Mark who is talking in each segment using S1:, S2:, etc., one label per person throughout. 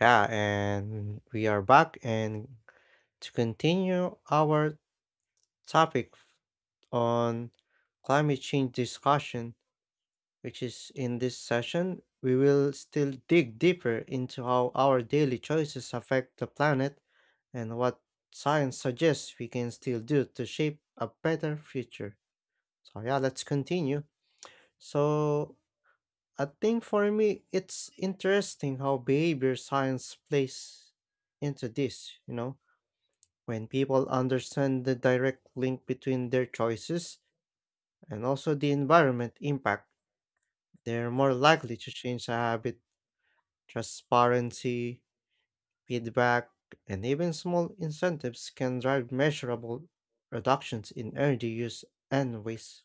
S1: Yeah, and we are back and to continue our topic on climate change discussion, which is in this session, we will still dig deeper into how our daily choices affect the planet and what science suggests we can still do to shape a better future. So, yeah, let's continue. So, I think for me, it's interesting how behavior science plays into this. When people understand the direct link between their choices and also the environment impact, they're more likely to change a habit. Transparency, feedback, and even small incentives can drive measurable reductions in energy use and waste.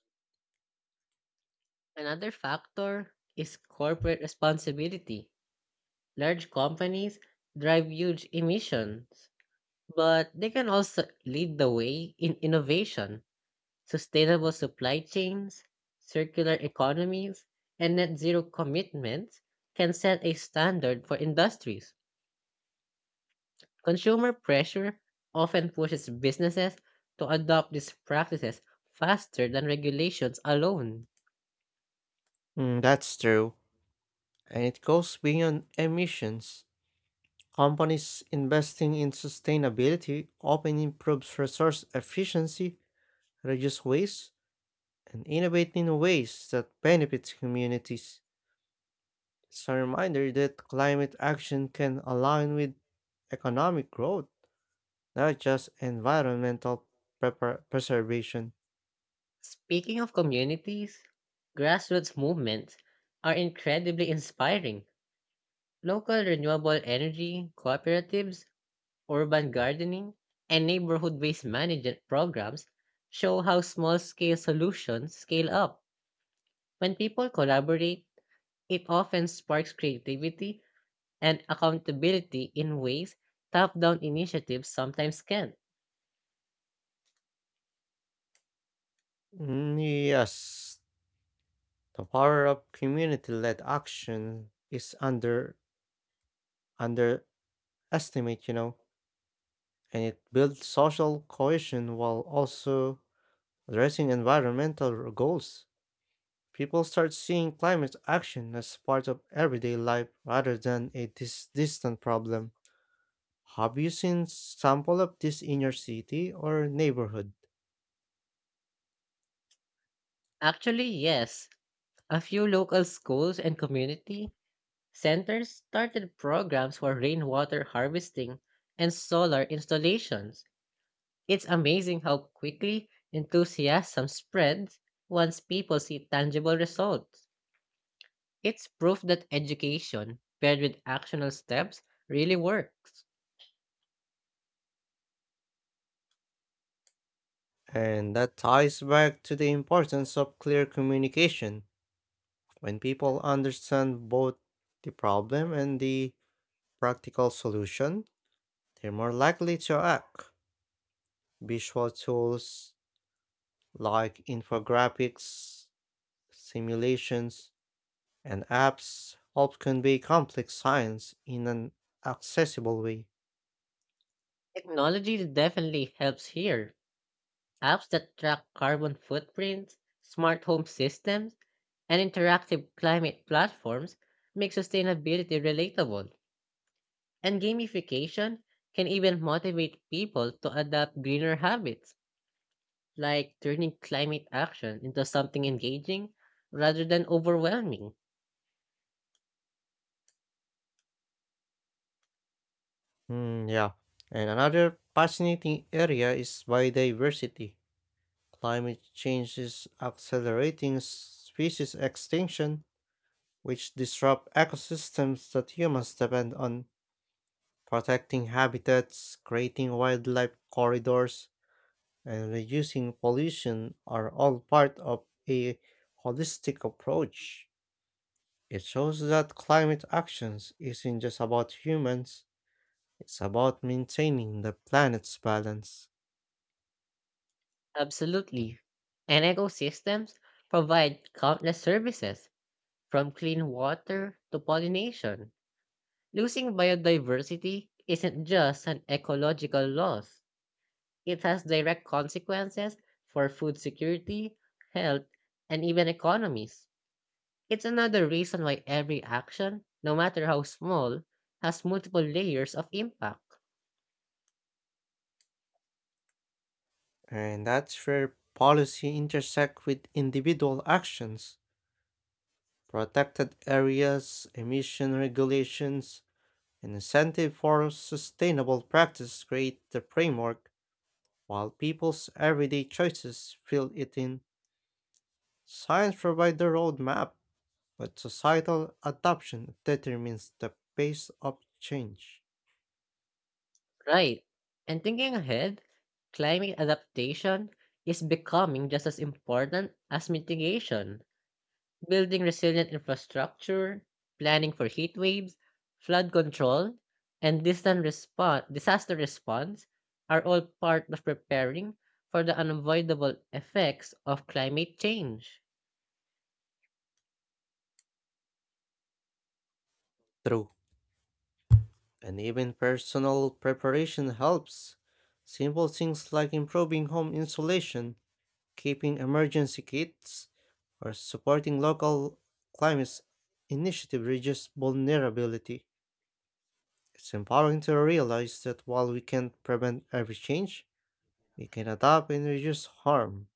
S2: Another factor is corporate responsibility. Large companies drive huge emissions, but they can also lead the way in innovation, sustainable supply chains, circular economies, and net zero commitments can set a standard for industries. Consumer pressure often pushes businesses to adopt these practices faster than regulations alone.
S1: Mm, that's true. And it goes beyond emissions. Companies investing in sustainability often improves resource efficiency, reduce waste, and innovate in ways that benefits communities. It's a reminder that climate action can align with economic growth, not just environmental preservation.
S2: Speaking of communities, grassroots movements are incredibly inspiring. Local renewable energy cooperatives, urban gardening, and neighborhood waste management programs show how small scale solutions scale up. When people collaborate, it often sparks creativity and accountability in ways top down initiatives sometimes can't.
S1: Mm, yes, the power of community-led action is underestimate, and it builds social cohesion while also addressing environmental goals. People start seeing climate action as part of everyday life rather than a distant problem. Have you seen sample of this in your city or neighborhood?
S2: Actually, yes, a few local schools and community centers started programs for rainwater harvesting and solar installations. It's amazing how quickly enthusiasm spreads once people see tangible results. It's proof that education, paired with actionable steps, really works.
S1: And that ties back to the importance of clear communication. When people understand both the problem and the practical solution, they're more likely to act. Visual tools like infographics, simulations, and apps help convey complex science in an accessible way.
S2: Technology definitely helps here. Apps that track carbon footprints, smart home systems, and interactive climate platforms make sustainability relatable. And gamification can even motivate people to adopt greener habits, like turning climate action into something engaging rather than overwhelming.
S1: Mm, yeah. And another fascinating area is biodiversity. Climate change is accelerating species extinction, which disrupt ecosystems that humans depend on. Protecting habitats, creating wildlife corridors, and reducing pollution are all part of a holistic approach. It shows that climate actions isn't just about humans, it's about maintaining the planet's balance.
S2: Absolutely. And ecosystems provide countless services, from clean water to pollination. Losing biodiversity isn't just an ecological loss, it has direct consequences for food security, health, and even economies. It's another reason why every action, no matter how small, has multiple layers of impact.
S1: And that's where policy intersect with individual actions. Protected areas, emission regulations, and incentive for sustainable practice create the framework, while people's everyday choices fill it in. Science provides the roadmap, but societal adoption determines the pace of change.
S2: Right. And thinking ahead, climate adaptation is becoming just as important as mitigation. Building resilient infrastructure, planning for heat waves, flood control, and disaster response are all part of preparing for the unavoidable effects of climate change.
S1: True. And even personal preparation helps. Simple things like improving home insulation, keeping emergency kits, or supporting local climate initiative reduce vulnerability. It's empowering to realize that while we can't prevent every change, we can adapt and reduce harm.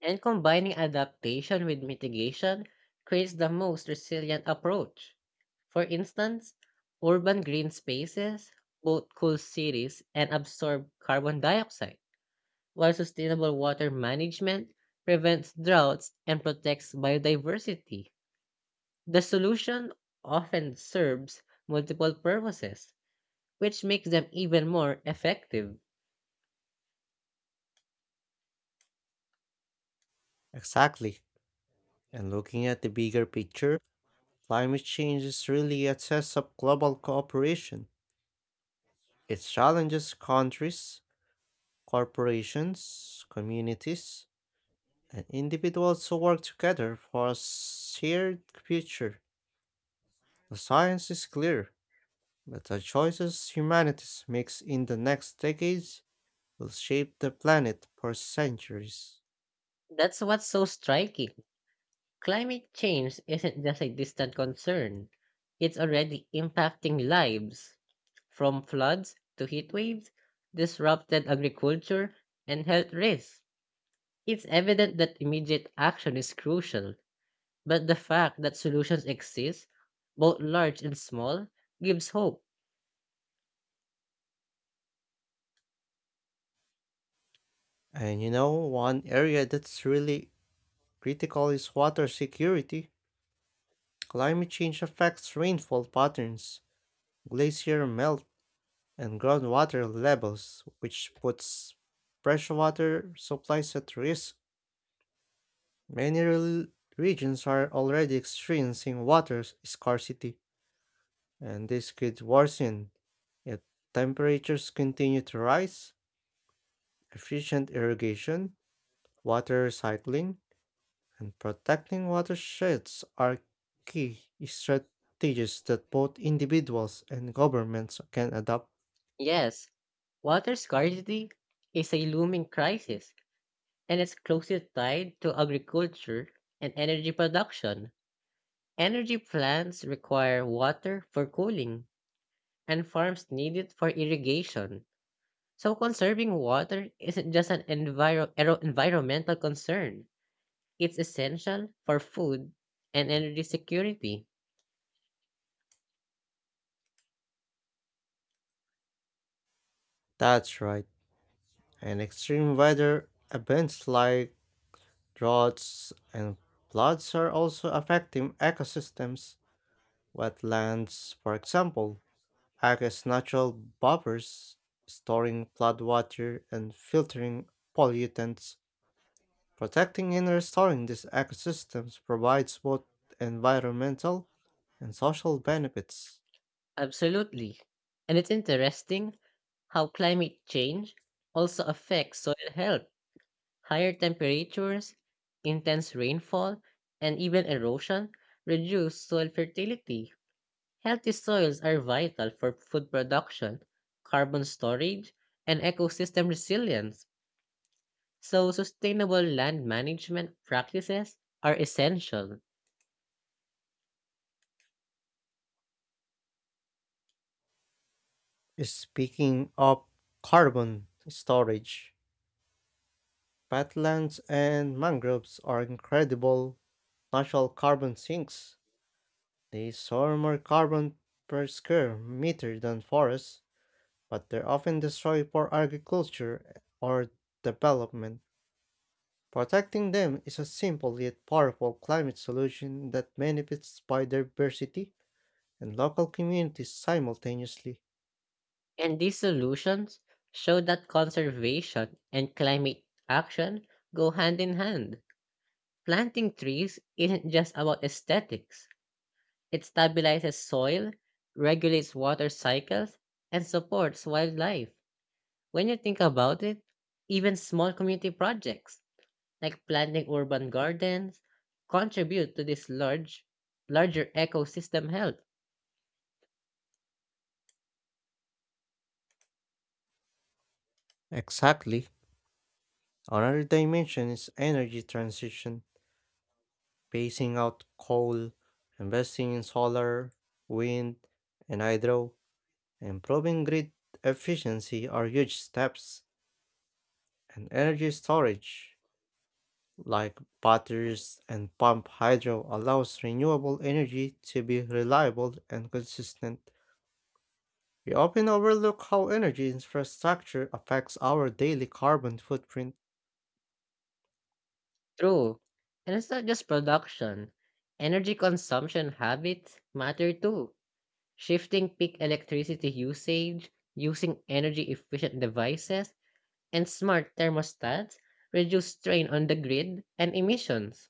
S2: And combining adaptation with mitigation creates the most resilient approach. For instance, urban green spaces both cool cities and absorb carbon dioxide, while sustainable water management prevents droughts and protects biodiversity. The solution often serves multiple purposes, which makes them even more effective.
S1: Exactly. And looking at the bigger picture, climate change is really a test of global cooperation. It challenges countries, corporations, communities, and individuals who work together for a shared future. The science is clear, but the choices humanity makes in the next decades will shape the planet for centuries.
S2: That's what's so striking. Climate change isn't just a distant concern, it's already impacting lives. From floods to heat waves, disrupted agriculture, and health risks. It's evident that immediate action is crucial, but the fact that solutions exist, both large and small, gives hope.
S1: And you know, one area that's really critical is water security. Climate change affects rainfall patterns, glacier melt, and groundwater levels, which puts freshwater supplies at risk. Many regions are already experiencing water scarcity, and this could worsen if temperatures continue to rise. Efficient irrigation, water recycling, and protecting watersheds are key strategies that both individuals and governments can adopt.
S2: Yes, water scarcity is a looming crisis, and it's closely tied to agriculture and energy production. Energy plants require water for cooling, and farms need it for irrigation. So conserving water isn't just an environmental concern. It's essential for food and energy security.
S1: That's right, and extreme weather events like droughts and floods are also affecting ecosystems. Wetlands, for example, act as natural buffers, storing floodwater and filtering pollutants. Protecting and restoring these ecosystems provides both environmental and social benefits.
S2: Absolutely. And it's interesting how climate change also affects soil health. Higher temperatures, intense rainfall, and even erosion reduce soil fertility. Healthy soils are vital for food production, carbon storage, and ecosystem resilience, so sustainable land management practices are essential.
S1: Speaking of carbon storage, wetlands and mangroves are incredible natural carbon sinks. They store more carbon per square meter than forests but they are often destroyed for agriculture or development. Protecting them is a simple yet powerful climate solution that benefits biodiversity and local communities simultaneously.
S2: And these solutions show that conservation and climate action go hand in hand. Planting trees isn't just about aesthetics, it stabilizes soil, regulates water cycles, and supports wildlife. When you think about it, even small community projects like planting urban gardens, contribute to this larger ecosystem health.
S1: Exactly. Another dimension is energy transition, phasing out coal, investing in solar, wind, and hydro, improving grid efficiency are huge steps, and energy storage like batteries and pump hydro allows renewable energy to be reliable and consistent. We often overlook how energy infrastructure affects our daily carbon footprint.
S2: True. And it's not just production. Energy consumption habits matter too. Shifting peak electricity usage, using energy efficient devices, and smart thermostats reduce strain on the grid and emissions.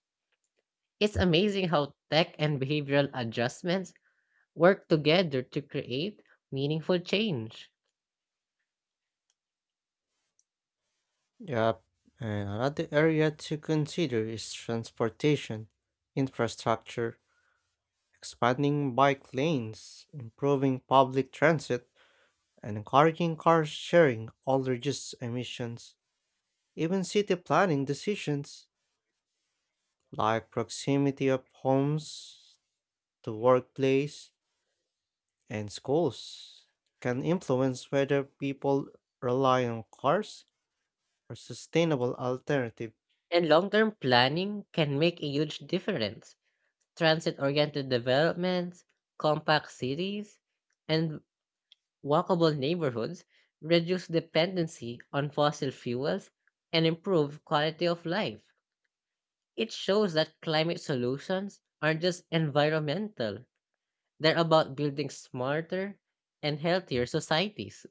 S2: It's amazing how tech and behavioral adjustments work together to create meaningful change.
S1: Yep, and another area to consider is transportation, infrastructure, expanding bike lanes, improving public transit, and encouraging car sharing all reduce emissions. Even city planning decisions like proximity of homes to workplace and schools can influence whether people rely on cars or sustainable alternative.
S2: And long term planning can make a huge difference. Transit oriented developments, compact cities, and walkable neighborhoods reduce dependency on fossil fuels and improve quality of life. It shows that climate solutions aren't just environmental, they're about building smarter and healthier societies.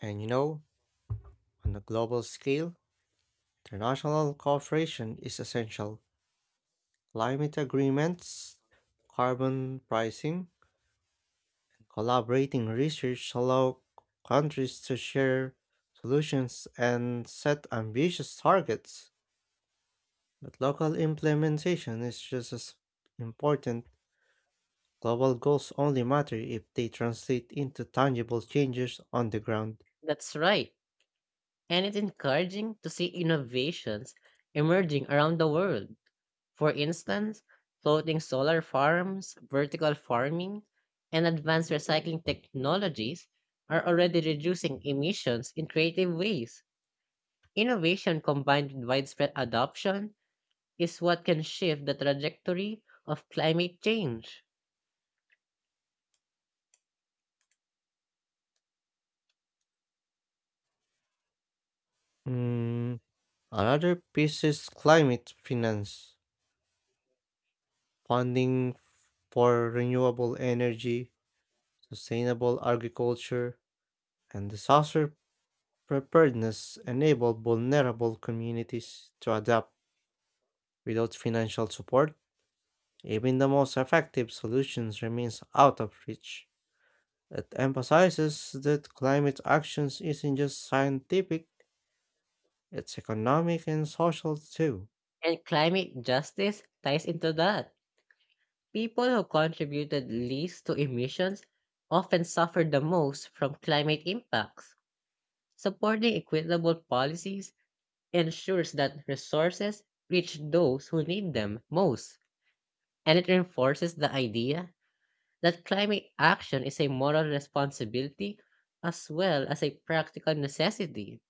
S1: And you know, on a global scale, international cooperation is essential. Climate agreements, carbon pricing, and collaborating research allow countries to share solutions and set ambitious targets. But local implementation is just as important. Global goals only matter if they translate into tangible changes on the ground.
S2: That's right. And it's encouraging to see innovations emerging around the world. For instance, floating solar farms, vertical farming, and advanced recycling technologies are already reducing emissions in creative ways. Innovation combined with widespread adoption is what can shift the trajectory of climate change.
S1: Mm, another piece is climate finance, funding for renewable energy sustainable agriculture, and disaster preparedness enable vulnerable communities to adapt. Without financial support, even the most effective solutions remains out of reach. It emphasizes that climate actions isn't just scientific, it's economic and social too.
S2: And climate justice ties into that. People who contributed least to emissions often suffer the most from climate impacts. Supporting equitable policies ensures that resources reach those who need them most, and it reinforces the idea that climate action is a moral responsibility as well as a practical necessity.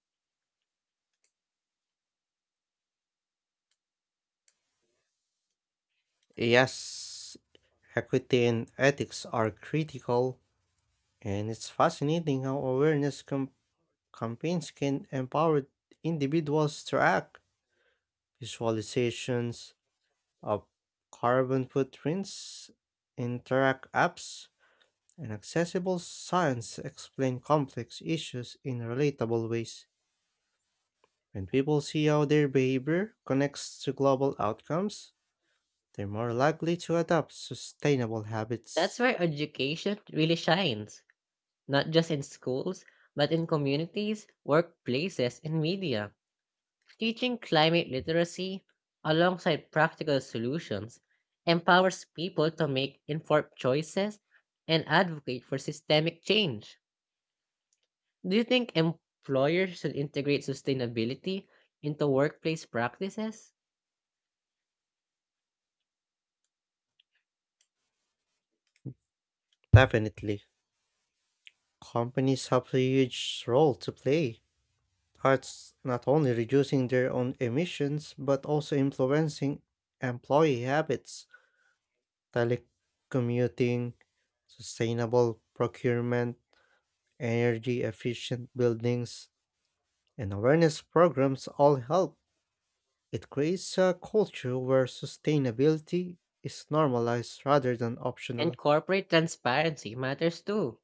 S1: Yes, equity and ethics are critical, and it's fascinating how awareness campaigns can empower individuals to act. Visualizations of carbon footprints, interact apps, and accessible science explain complex issues in relatable ways. When people see how their behavior connects to global outcomes, they're more likely to adopt sustainable
S2: That's
S1: habits.
S2: where education really shines, not just in schools, but in communities, workplaces, and media. Teaching climate literacy alongside practical solutions empowers people to make informed choices and advocate for systemic change. Do you think employers should integrate sustainability into workplace practices?
S1: Definitely, companies have a huge role to play that's not only reducing their own emissions, but also influencing employee habits, telecommuting, sustainable procurement, energy efficient buildings, and awareness programs all help. It creates a culture where sustainability is normalized rather than
S2: And
S1: optional.
S2: corporate transparency matters too.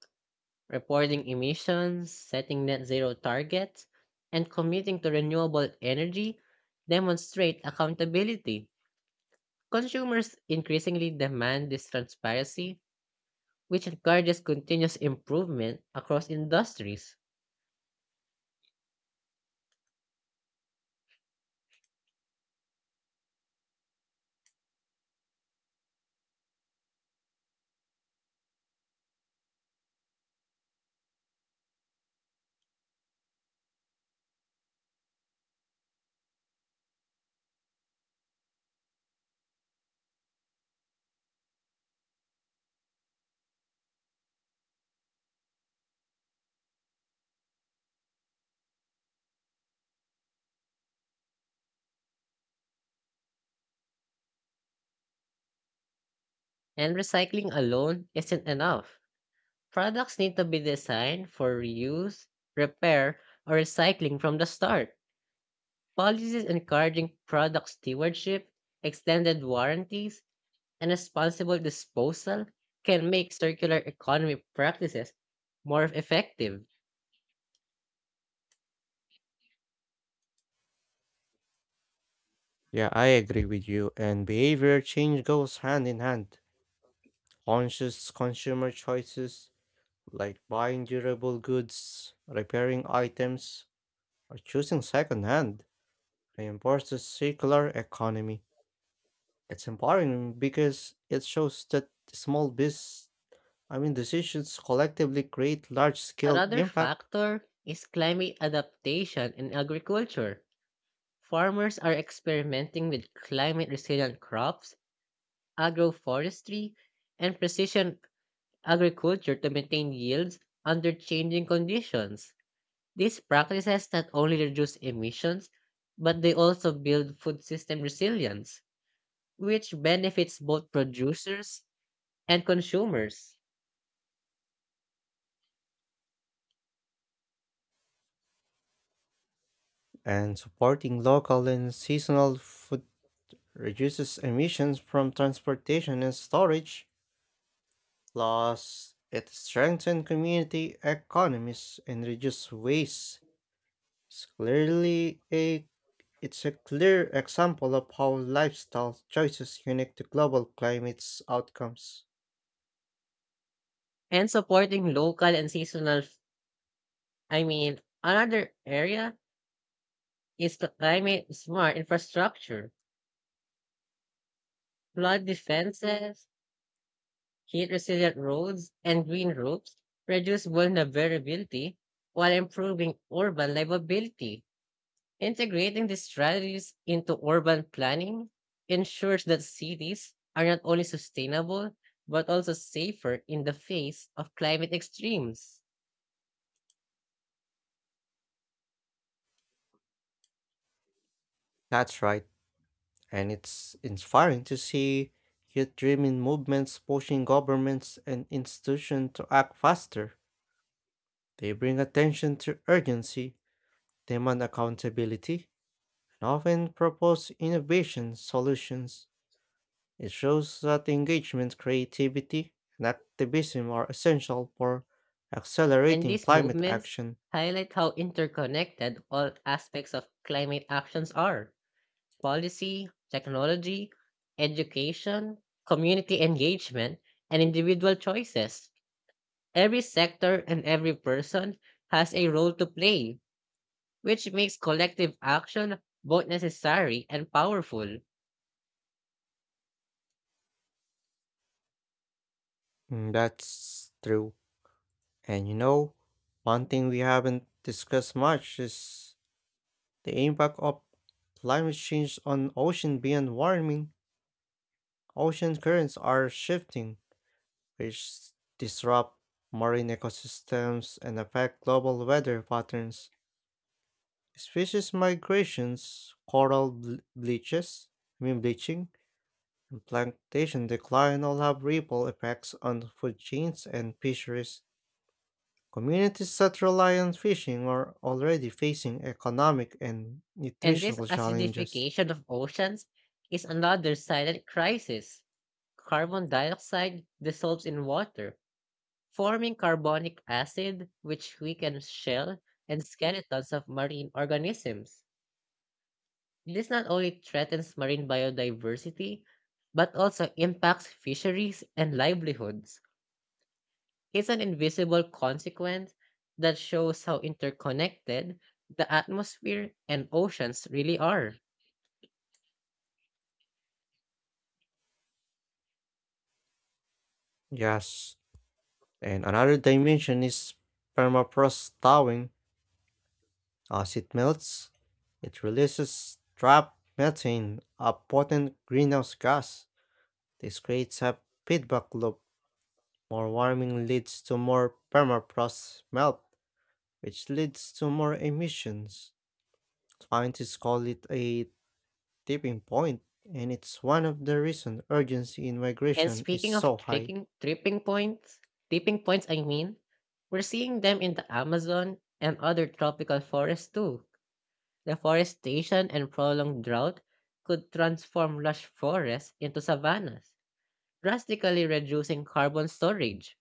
S2: Reporting emissions, setting net zero targets, and committing to renewable energy demonstrate accountability. Consumers increasingly demand this transparency, which encourages continuous improvement across industries. And recycling alone isn't enough. Products need to be designed for reuse, repair, or recycling from the start. Policies encouraging product stewardship, extended warranties, and responsible disposal can make circular economy practices more effective.
S1: Yeah, I agree with you, and behavior change goes hand in hand. Conscious consumer choices like buying durable goods, repairing items, or choosing secondhand, reinforces circular economy. It's empowering because it shows that small biz, I mean, decisions collectively create large-scale
S2: Another
S1: impact,
S2: factor is climate adaptation in agriculture. Farmers are experimenting with climate resilient crops, agroforestry, and precision agriculture to maintain yields under changing conditions. These practices not only reduce emissions, but they also build food system resilience, which benefits both producers and consumers.
S1: and supporting local and seasonal food reduces emissions from transportation and storage. Plus, it strengthens community economies and reduces waste. It's clearly a It's a clear example of how lifestyle choices unique to global climate's outcomes.
S2: And supporting local and seasonal, f- I mean, Another area is the climate smart infrastructure. Flood defenses, heat resilient roads, and green roofs reduce vulnerability while improving urban livability. Integrating these strategies into urban planning ensures that cities are not only sustainable but also safer in the face of climate extremes.
S1: That's right, and it's inspiring to see youth driven movements pushing governments and institutions to act faster. They bring attention to urgency, demand accountability, and often propose innovation solutions. It shows that engagement, creativity, and activism are essential for
S2: And
S1: accelerating
S2: these
S1: climate
S2: movements
S1: action.
S2: highlight how interconnected all aspects of climate actions are policy, technology, education, community engagement, and individual choices. Every sector and every person has a role to play which makes collective action both necessary and powerful.
S1: Mm, that's true. And you know, one thing we haven't discussed much is the impact of climate change on ocean beyond warming. Ocean currents are shifting, which disrupt marine ecosystems and affect global weather patterns. Species migrations, coral ble- bleaches, I mean bleaching, and plantation decline all have ripple effects on food chains and fisheries. Communities that rely on fishing are already facing economic and
S2: And this
S1: nutritional challenges.
S2: acidification of oceans is another silent crisis. Carbon dioxide dissolves in water, forming carbonic acid, which weakens shell and skeletons of marine organisms. This not only threatens marine biodiversity, but also impacts fisheries and livelihoods. It's an invisible consequence that shows how interconnected the atmosphere and oceans really are.
S1: Yes, and another dimension is permafrost thawing. As it melts, it releases trapped methane, a potent greenhouse gas. This creates a feedback loop. More warming leads to more permafrost melt, which leads to more emissions. Scientists call it a tipping point, and it's one of the reasons urgency in
S2: And
S1: migration is
S2: speaking
S1: so
S2: of
S1: high.
S2: tipping points, we're seeing them in the Amazon and other tropical forests too. Deforestation and prolonged drought could transform lush forests into savannas, drastically reducing carbon storage.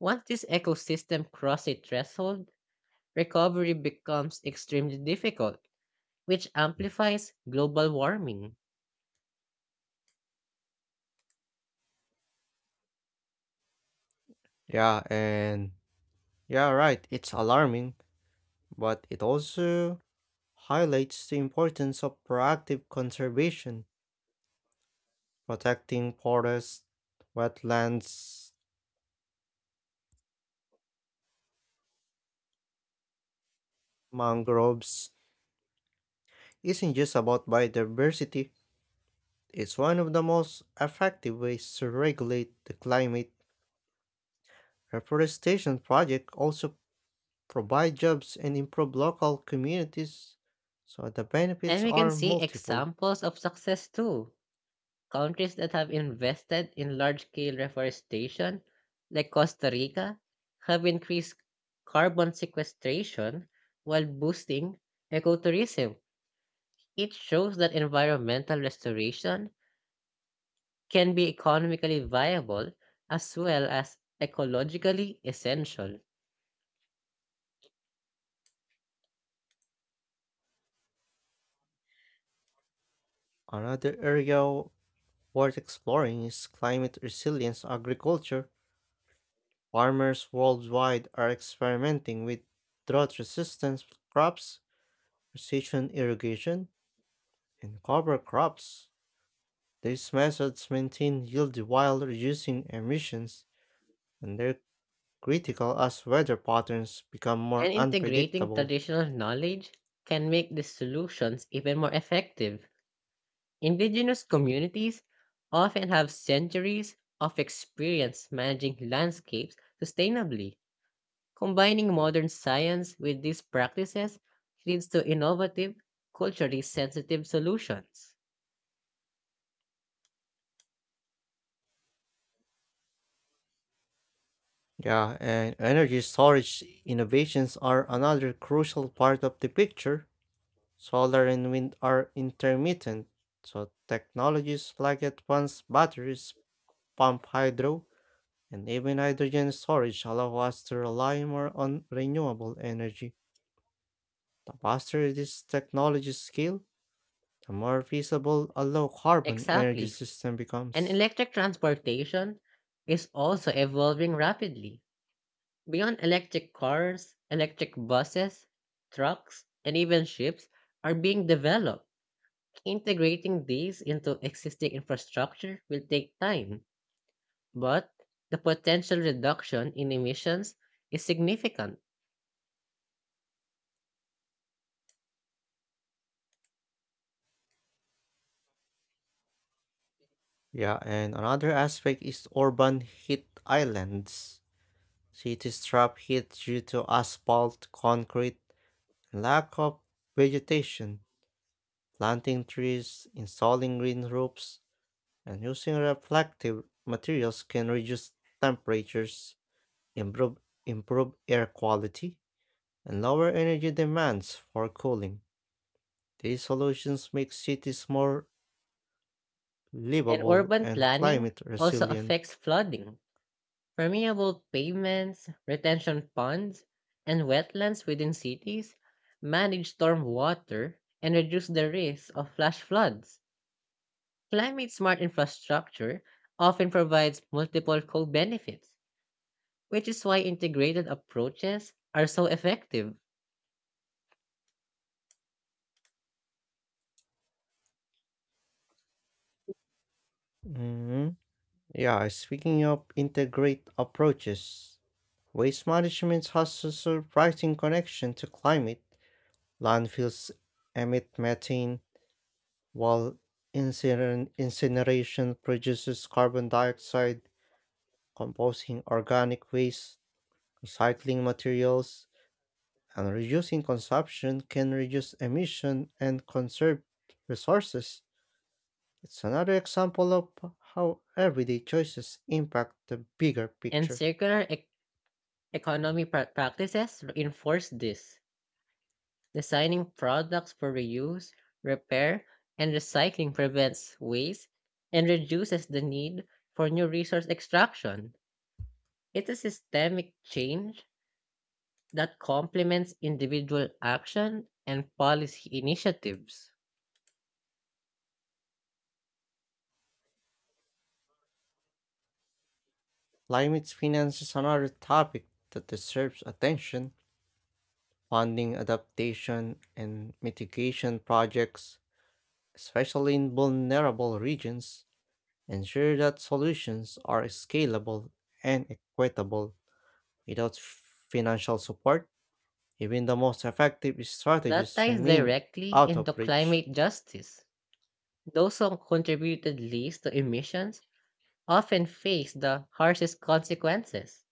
S2: Once this ecosystem crosses a threshold, recovery becomes extremely difficult which amplifies global warming.
S1: Yeah, and yeah, right, it's alarming, but it also highlights the importance of proactive conservation, protecting forests, wetlands, mangroves. Isn't just about biodiversity. It's one of the most effective ways to regulate the climate. Reforestation project also provide jobs, and improve local communities, so the
S2: And
S1: benefits
S2: we can
S1: are
S2: see
S1: multiple.
S2: examples of success too. Countries that have invested in large scale reforestation, like Costa Rica, have increased carbon sequestration while boosting ecotourism. It shows that environmental restoration can be economically viable as well as ecologically essential.
S1: Another area worth exploring is climate resilience agriculture. Farmers worldwide are experimenting with drought resistant crops, precision irrigation, and cover crops. These methods maintain yield while reducing emissions, and they're critical as weather patterns become more
S2: And integrating
S1: unpredictable.
S2: traditional knowledge can make these solutions even more effective. Indigenous communities often have centuries of experience managing landscapes sustainably. Combining modern science with these practices leads to innovative, culturally sensitive solutions.
S1: Yeah, and energy storage innovations are another crucial part of the picture. Solar and wind are intermittent, so technologies like advanced batteries, pump hydro, and even hydrogen storage allow us to rely more on renewable energy. The faster these technologies scale, the more feasible a low carbon energy
S2: Exactly.
S1: system
S2: And
S1: becomes.
S2: electric transportation is also evolving rapidly. Beyond electric cars, electric buses, trucks, and even ships are being developed. Integrating these into existing infrastructure will take time, but the potential reduction in emissions is significant.
S1: Yeah, and another aspect is urban heat islands. Cities trap heat due to asphalt, concrete, and lack of vegetation. Planting trees, installing green roofs, and using reflective materials can reduce temperatures, improve, improve air quality, and lower energy demands for cooling. These solutions make cities more
S2: And
S1: livable
S2: urban
S1: and
S2: planning
S1: climate
S2: also
S1: resilient.
S2: affects flooding. Permeable pavements, retention ponds, and wetlands within cities manage storm water and reduce the risk of flash floods. Climate smart infrastructure often provides multiple co benefits, which is why integrated approaches are so effective,
S1: Mhm. Yeah, speaking of integrate approaches, waste management has a surprising connection to climate. Landfills emit methane, while incineration produces carbon dioxide, composting organic waste, recycling materials, and reducing consumption can reduce emission and conserve resources. It's another example of how everyday choices impact the bigger
S2: and
S1: picture.
S2: practices reinforce this. Designing products for reuse, repair, and recycling prevents waste and reduces the need for new resource extraction. It's a systemic change that complements individual action and policy initiatives.
S1: Climate finance is another topic that deserves attention. Funding adaptation and mitigation projects, especially in vulnerable regions, ensure that solutions are scalable and equitable. Without financial support, even the most effective
S2: That
S1: strategies
S2: ties
S1: remain
S2: directly
S1: out of
S2: into
S1: reach.
S2: climate justice. Those who contributed least to emissions often face the harshest consequences.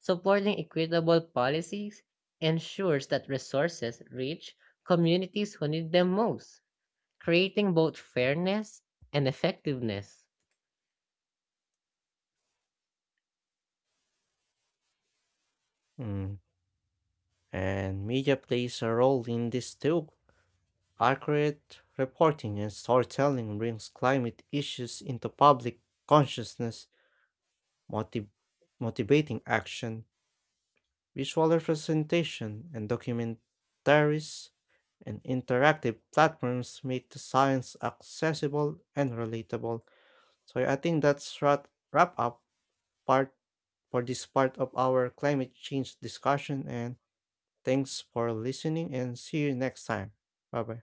S2: Supporting equitable policies ensures that resources reach communities who need them most, creating both fairness and effectiveness.
S1: Mm, and media plays a role in this too. Accurate reporting and storytelling brings climate issues into public consciousness, motiv- motivating action, visual representation, and documentaries and interactive platforms make the science accessible and relatable. So yeah, I think that's wrap up part for this part of our climate change discussion and thanks for listening and see you next time. Bye bye.